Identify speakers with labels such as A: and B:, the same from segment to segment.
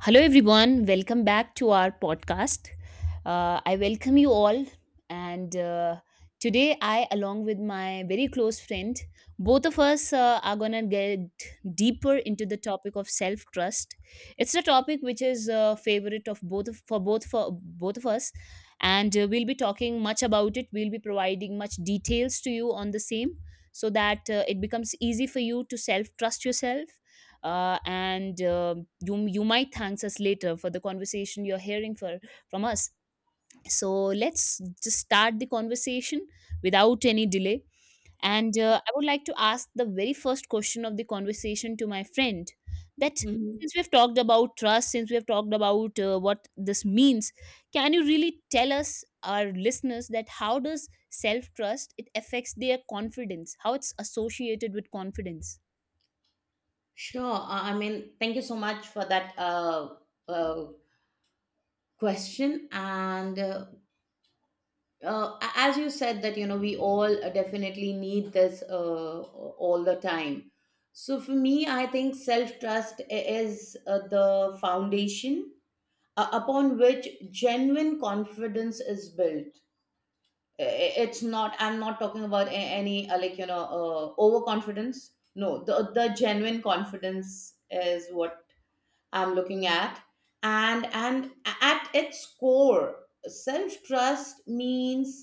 A: Hello, everyone. Welcome back to our podcast. I welcome you all. And today, I, along with my very close friend, both of us are going to get deeper into the topic of self trust. It's a topic which is a favorite of both of, for both of us, and we'll be talking much about it. We'll be providing much details to you on the same, so that it becomes easy for you to self trust yourself and you might thank us later for the conversation you're hearing for from us, so let's just start the conversation without any delay. And I would like to ask the very first question of the conversation to my friend that
B: Mhm.
A: since we've talked about trust, since we've talked about what this means, can you really tell us, our listeners, that how does self trust it affects their confidence, how it's associated with confidence?
B: Sure. I mean, thank you so much for that uh, question. As you said, that you know, we all definitely need this all the time. So for me, I think self trust is the foundation upon which genuine confidence is built. I- It's not. I'm not talking about any like you know overconfidence. No, the genuine confidence is what I'm looking at. And at its core, self-trust means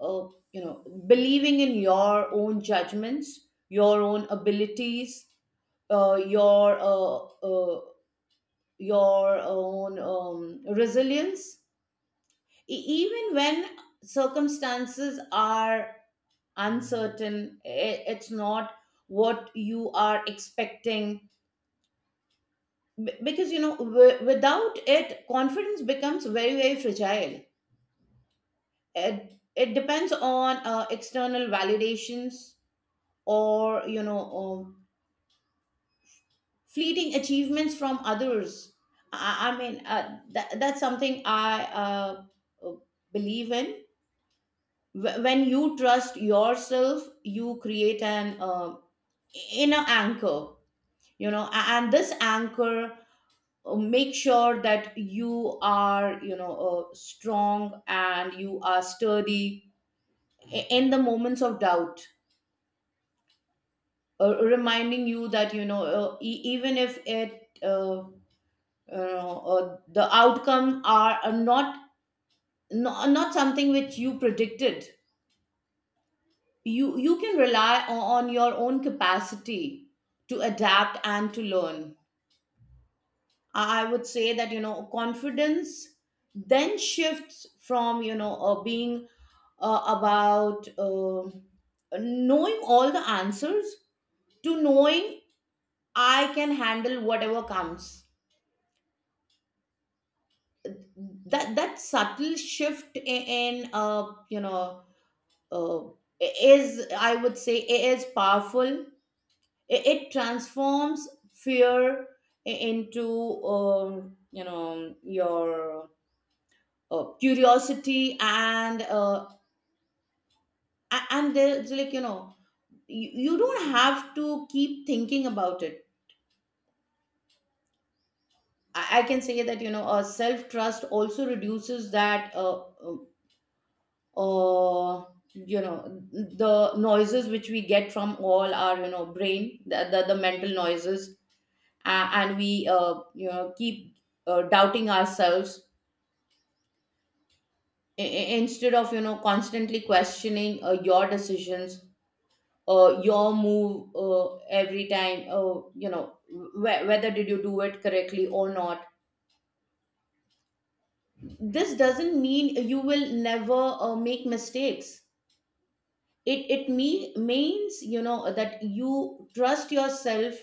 B: you know believing in your own judgments, your own abilities, uh, your uh, uh, your own resilience, even when circumstances are uncertain. It's not what you are expecting. Because you know without it confidence becomes very very fragile. It depends on external validations or you know or fleeting achievements from others. I mean that's something I uh, believe in. When you trust yourself you create an inner anchor, you know, and this anchor make sure that you are you know strong and you are sturdy in the moments of doubt, reminding you that you know even if it the outcome are not not something which you predicted. You can rely on your own capacity to adapt and to learn. I would say that, you know, confidence then shifts from, you know, being about knowing all the answers, to knowing I can handle whatever comes. That subtle shift in you know, uh, is I would say it is powerful. It transforms fear into you know your curiosity and and there's like you know you don't have to keep thinking about it. I can say that you know self trust also reduces that uh, you know the noises which we get from all our you know brain, the mental noises, and we you know keep doubting ourselves instead of you know constantly questioning your decisions, your move every time you know whether did you do it correctly or not. This doesn't mean you will never make mistakes. It means you know that you trust yourself,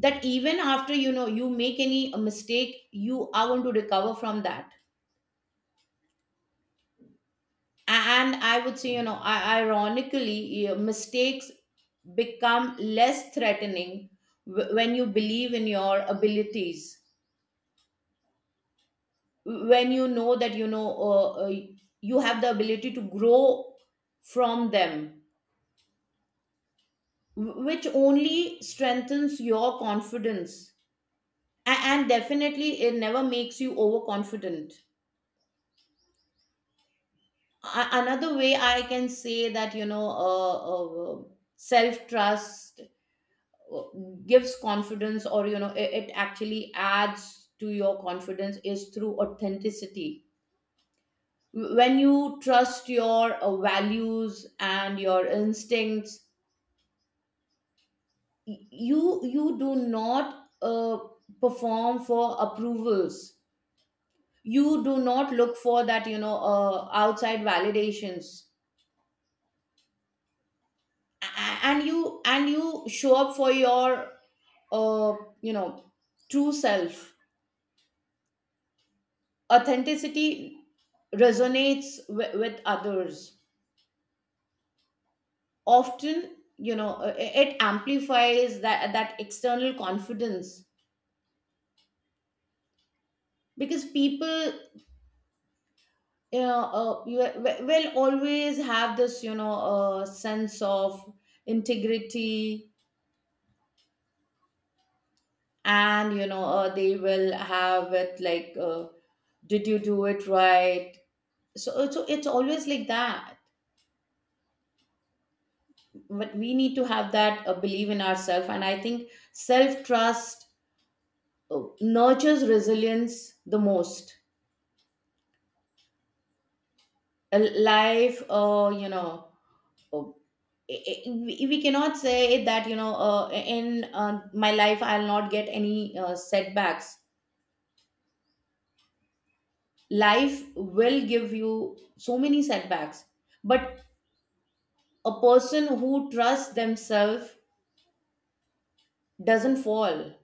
B: that even after you know you make any mistake you are going to recover from that. And I would say you know ironically mistakes become less threatening when you believe in your abilities, when you know that you know you have the ability to grow from them, which only strengthens your confidence. And definitely it never makes you overconfident. Another way I can say that you know self trust gives confidence, or you know it actually adds to your confidence, is through authenticity. When you trust your values and your instincts, you you do not perform for approvals, you do not look for that you know outside validations. A- and you show up for your you know true self. Authenticity resonates with others, often you know it amplifies that that external confidence, because people you know you will always have this you know sense of integrity, and you know they will have it like did you do it right. So so it's always like that. But we need to have that belief in ourselves, and I think self trust nurtures resilience the most. A life, we cannot say that you know in my life I'll not get any setbacks. Life will give you so many setbacks, but a person who trusts themselves doesn't fall,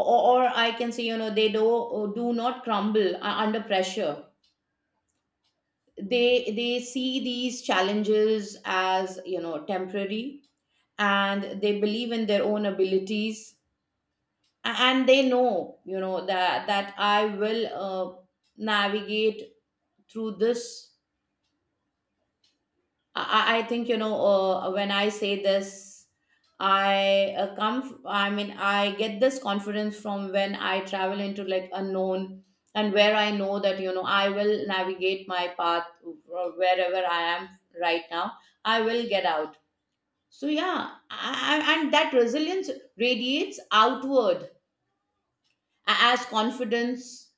B: or I can say you know they do do not crumble under pressure. They see these challenges as you know temporary, and they believe in their own abilities. And they know you know that that I will navigate through this. I think you know when I say this I mean I get this confidence from when I travel into like unknown, and where I know that you know I will navigate my path wherever I am right now, I will get out. So yeah, and that resilience radiates outward as confidence,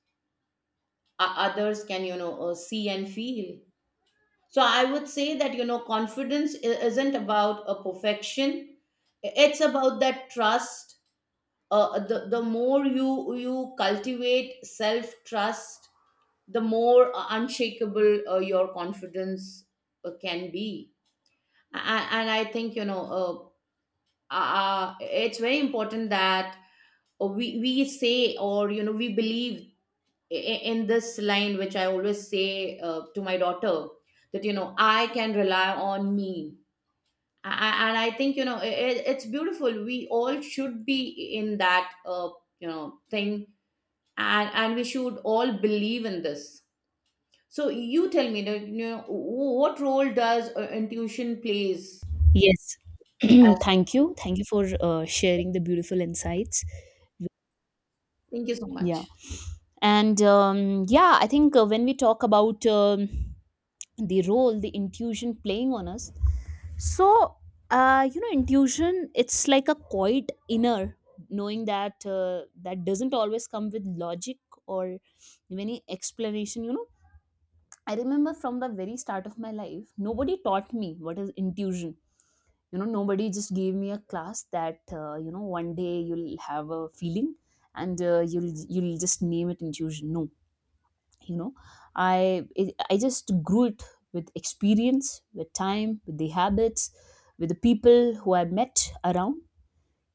B: others can you know see and feel. So I would say that you know confidence isn't about a perfection, it's about that trust. The more you you cultivate self trust, the more unshakable your confidence can be. And I think you know it's very important that we say or you know we believe in this line which I always say to my daughter, that you know I can rely on me. And I think you know i, it's beautiful, we all should be in that you know thing, and we should all believe in this. So you tell me that you know what role does intuition plays
A: Yes.
B: as.
A: Thank you. Thank you for sharing the beautiful insights.
B: Thank you so
A: Yeah.
B: much.
A: And I think when we talk about the role the intuition playing on us, so you know, intuition, it's like a quiet inner knowing that that doesn't always come with logic or any explanation, you know. I remember from the very start of my life nobody taught me what is intuition. You know, nobody just gave me a class that you know, one day you'll have a feeling and you'll just name it intuition. No, you know, I just grew it with experience, with time, with the habits, with the people who I met around.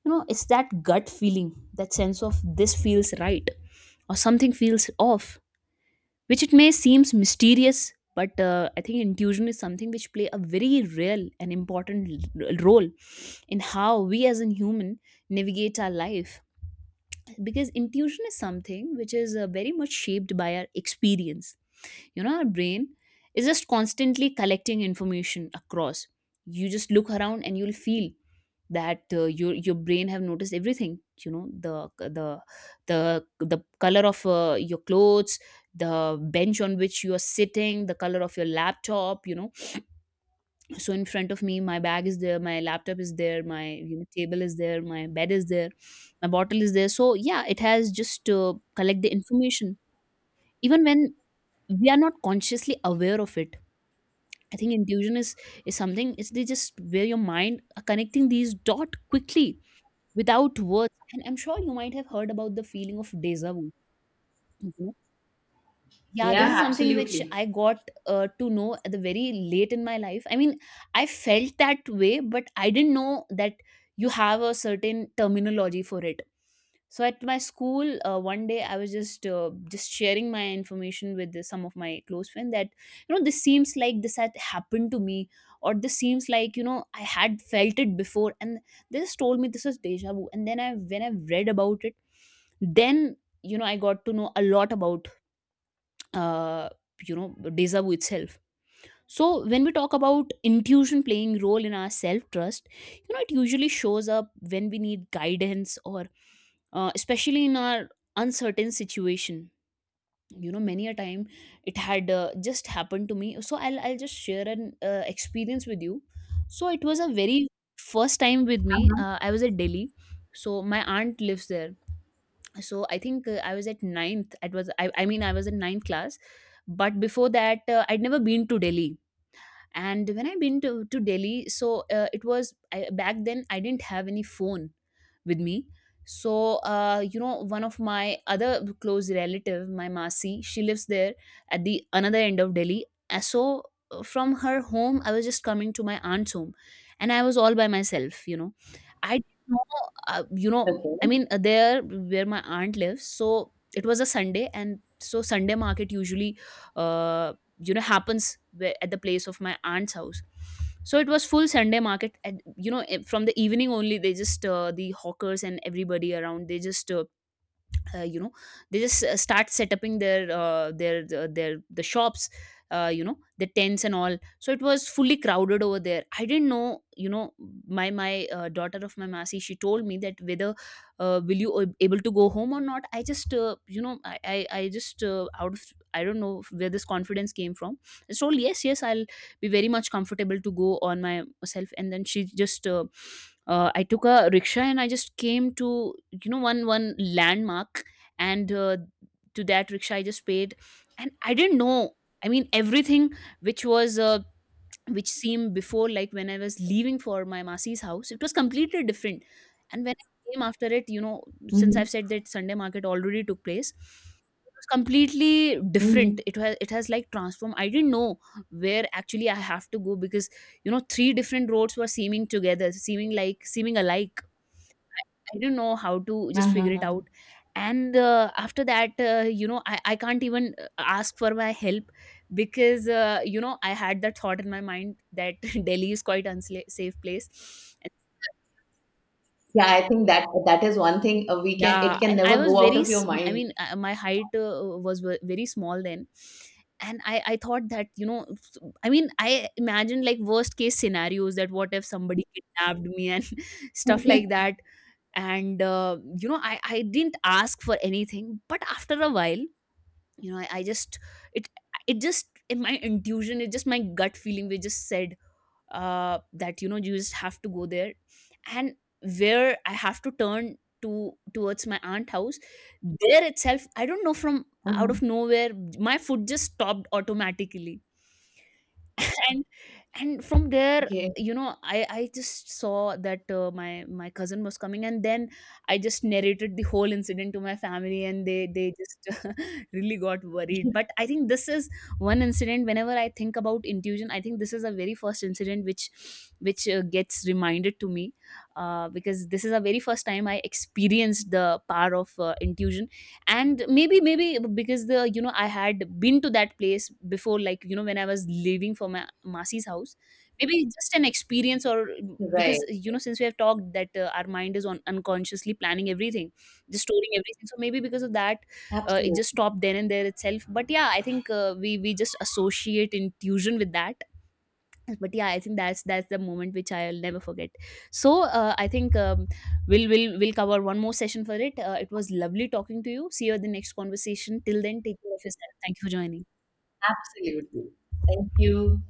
A: You know, it's that gut feeling, that sense of this feels right or something feels off, which it may seems mysterious, but I think intuition is something which play a very real and important role in how we as a human navigate our life. Because intuition is something which is very much shaped by our experience. You know, our brain is just constantly collecting information across. You just look around and you'll feel that your brain have noticed everything. You know, the the color of your clothes, the bench on which you are sitting, the color of your laptop, you know. So in front of me, my bag is there, my laptop is there, my, you know, table is there, my bed is there, my bottle is there. So yeah, it has just collect the information even when we are not consciously aware of it. I think intuition is something. It's they just where your mind are connecting these dot quickly without words. And I'm sure you might have heard about the feeling of deja vu. You, yeah, this
B: Yeah,
A: is something which
B: absolutely.
A: I got to know at the very late in my life. I mean, I felt that way, but I didn't know that you have a certain terminology for it. So at my school, one day I was just sharing my information with some of my close friends that, you know, this seems like this had happened to me, or this seems like, you know, I had felt it before, and they just told me this was deja vu. And then I when I read about it, then, you know, I got to know a lot about uh, you know, deja vu itself. So when we talk about intuition playing role in our self trust, you know, it usually shows up when we need guidance or especially in our uncertain situation. You know, many a time it had just happened to me, so I'll just share an experience with you. So it was a very first time with me. I was at Delhi, so my aunt lives there. So I think I was at ninth. It was I, I mean i was in ninth class, but before that I'd never been to Delhi. And when I been to Delhi, so back then I didn't have any phone with me. So you know, one of my other close relative, my masi, she lives there, at the another end of Delhi. Uh, so from her home I was just coming to my aunt's home, and I was all by myself, you know. I didn't know uh, you know
B: Okay.
A: there where my aunt lives. So it was a Sunday, and so Sunday market usually uh, you know, happens at the place of my aunt's house. So it was full Sunday market, and you know, eh, from the evening only, they just the hawkers and everybody around, they just you know, they just start setting their the shops, you know, the tents and all. So it was fully crowded over there. I didn't know, you know, my daughter of my masi, she told me that whether will you able to go home or not. I just you know I just out of, I don't know where this confidence came from, I told yes, yes, I'll be very much comfortable to go on myself. And then she just I took a rickshaw and I just came to, you know, one landmark. And to that rickshaw I just paid, and I didn't know, I mean, everything which was which seemed before, like when I was leaving for my masi's house, it was completely different. And when I came after it, you know, since
B: Mm-hmm.
A: I've said that Sunday market already took place, it was completely different.
B: Mm-hmm.
A: It has, it has like transformed. I didn't know where actually I have to go, because, you know, three different roads were seeming together, seeming like, seeming alike. I don't know how to just figure it
B: Uh-huh.
A: out. And after that, you know, I can't even ask for my help, because, you know, I had that thought in my mind that Delhi is quite unsafe place. And
B: Yeah, I think that that is one thing we can it
A: yeah.
B: can
A: And I
B: never
A: was
B: go out
A: very,
B: of your
A: I
B: mind.
A: mean, my height was very small then. And I thought that, you know, I mean, I imagined like worst case scenarios, that what if somebody kidnapped me and stuff like that. And you know, I didn't ask for anything. But after a while, you know, I just, it it just in my intuition, it just my gut feeling, we just said that, you know, you just have to go there. And where I have to turn to towards my aunt house, there itself, I don't know, from out
B: Uh-huh.
A: of nowhere, my foot just stopped automatically. and and from there,
B: Yes,
A: you know, I just saw that my cousin was coming. And then I just narrated the whole incident to my family, and they just really got worried. But I think this is one incident, whenever I think about intuition, I think this is a very first incident which gets reminded to me, because this is the very first time I experienced the power of intuition. And maybe because the, you know, I had been to that place before, like, you know, when I was leaving for my masi's house, maybe it's just an experience. Or
B: right.
A: because, you know, since we have talked that our mind is on unconsciously planning everything, just storing everything, so maybe because of that it just
B: Absolutely.
A: stopped then and there itself. But yeah, I think we just associate intuition with that. But yeah, I think that's the moment which I'll never forget. So I think we'll will cover one more session for it. It was lovely talking to you. See you at the next conversation. Till then, take care of yourself. Thank you for joining.
B: Absolutely. Thank you.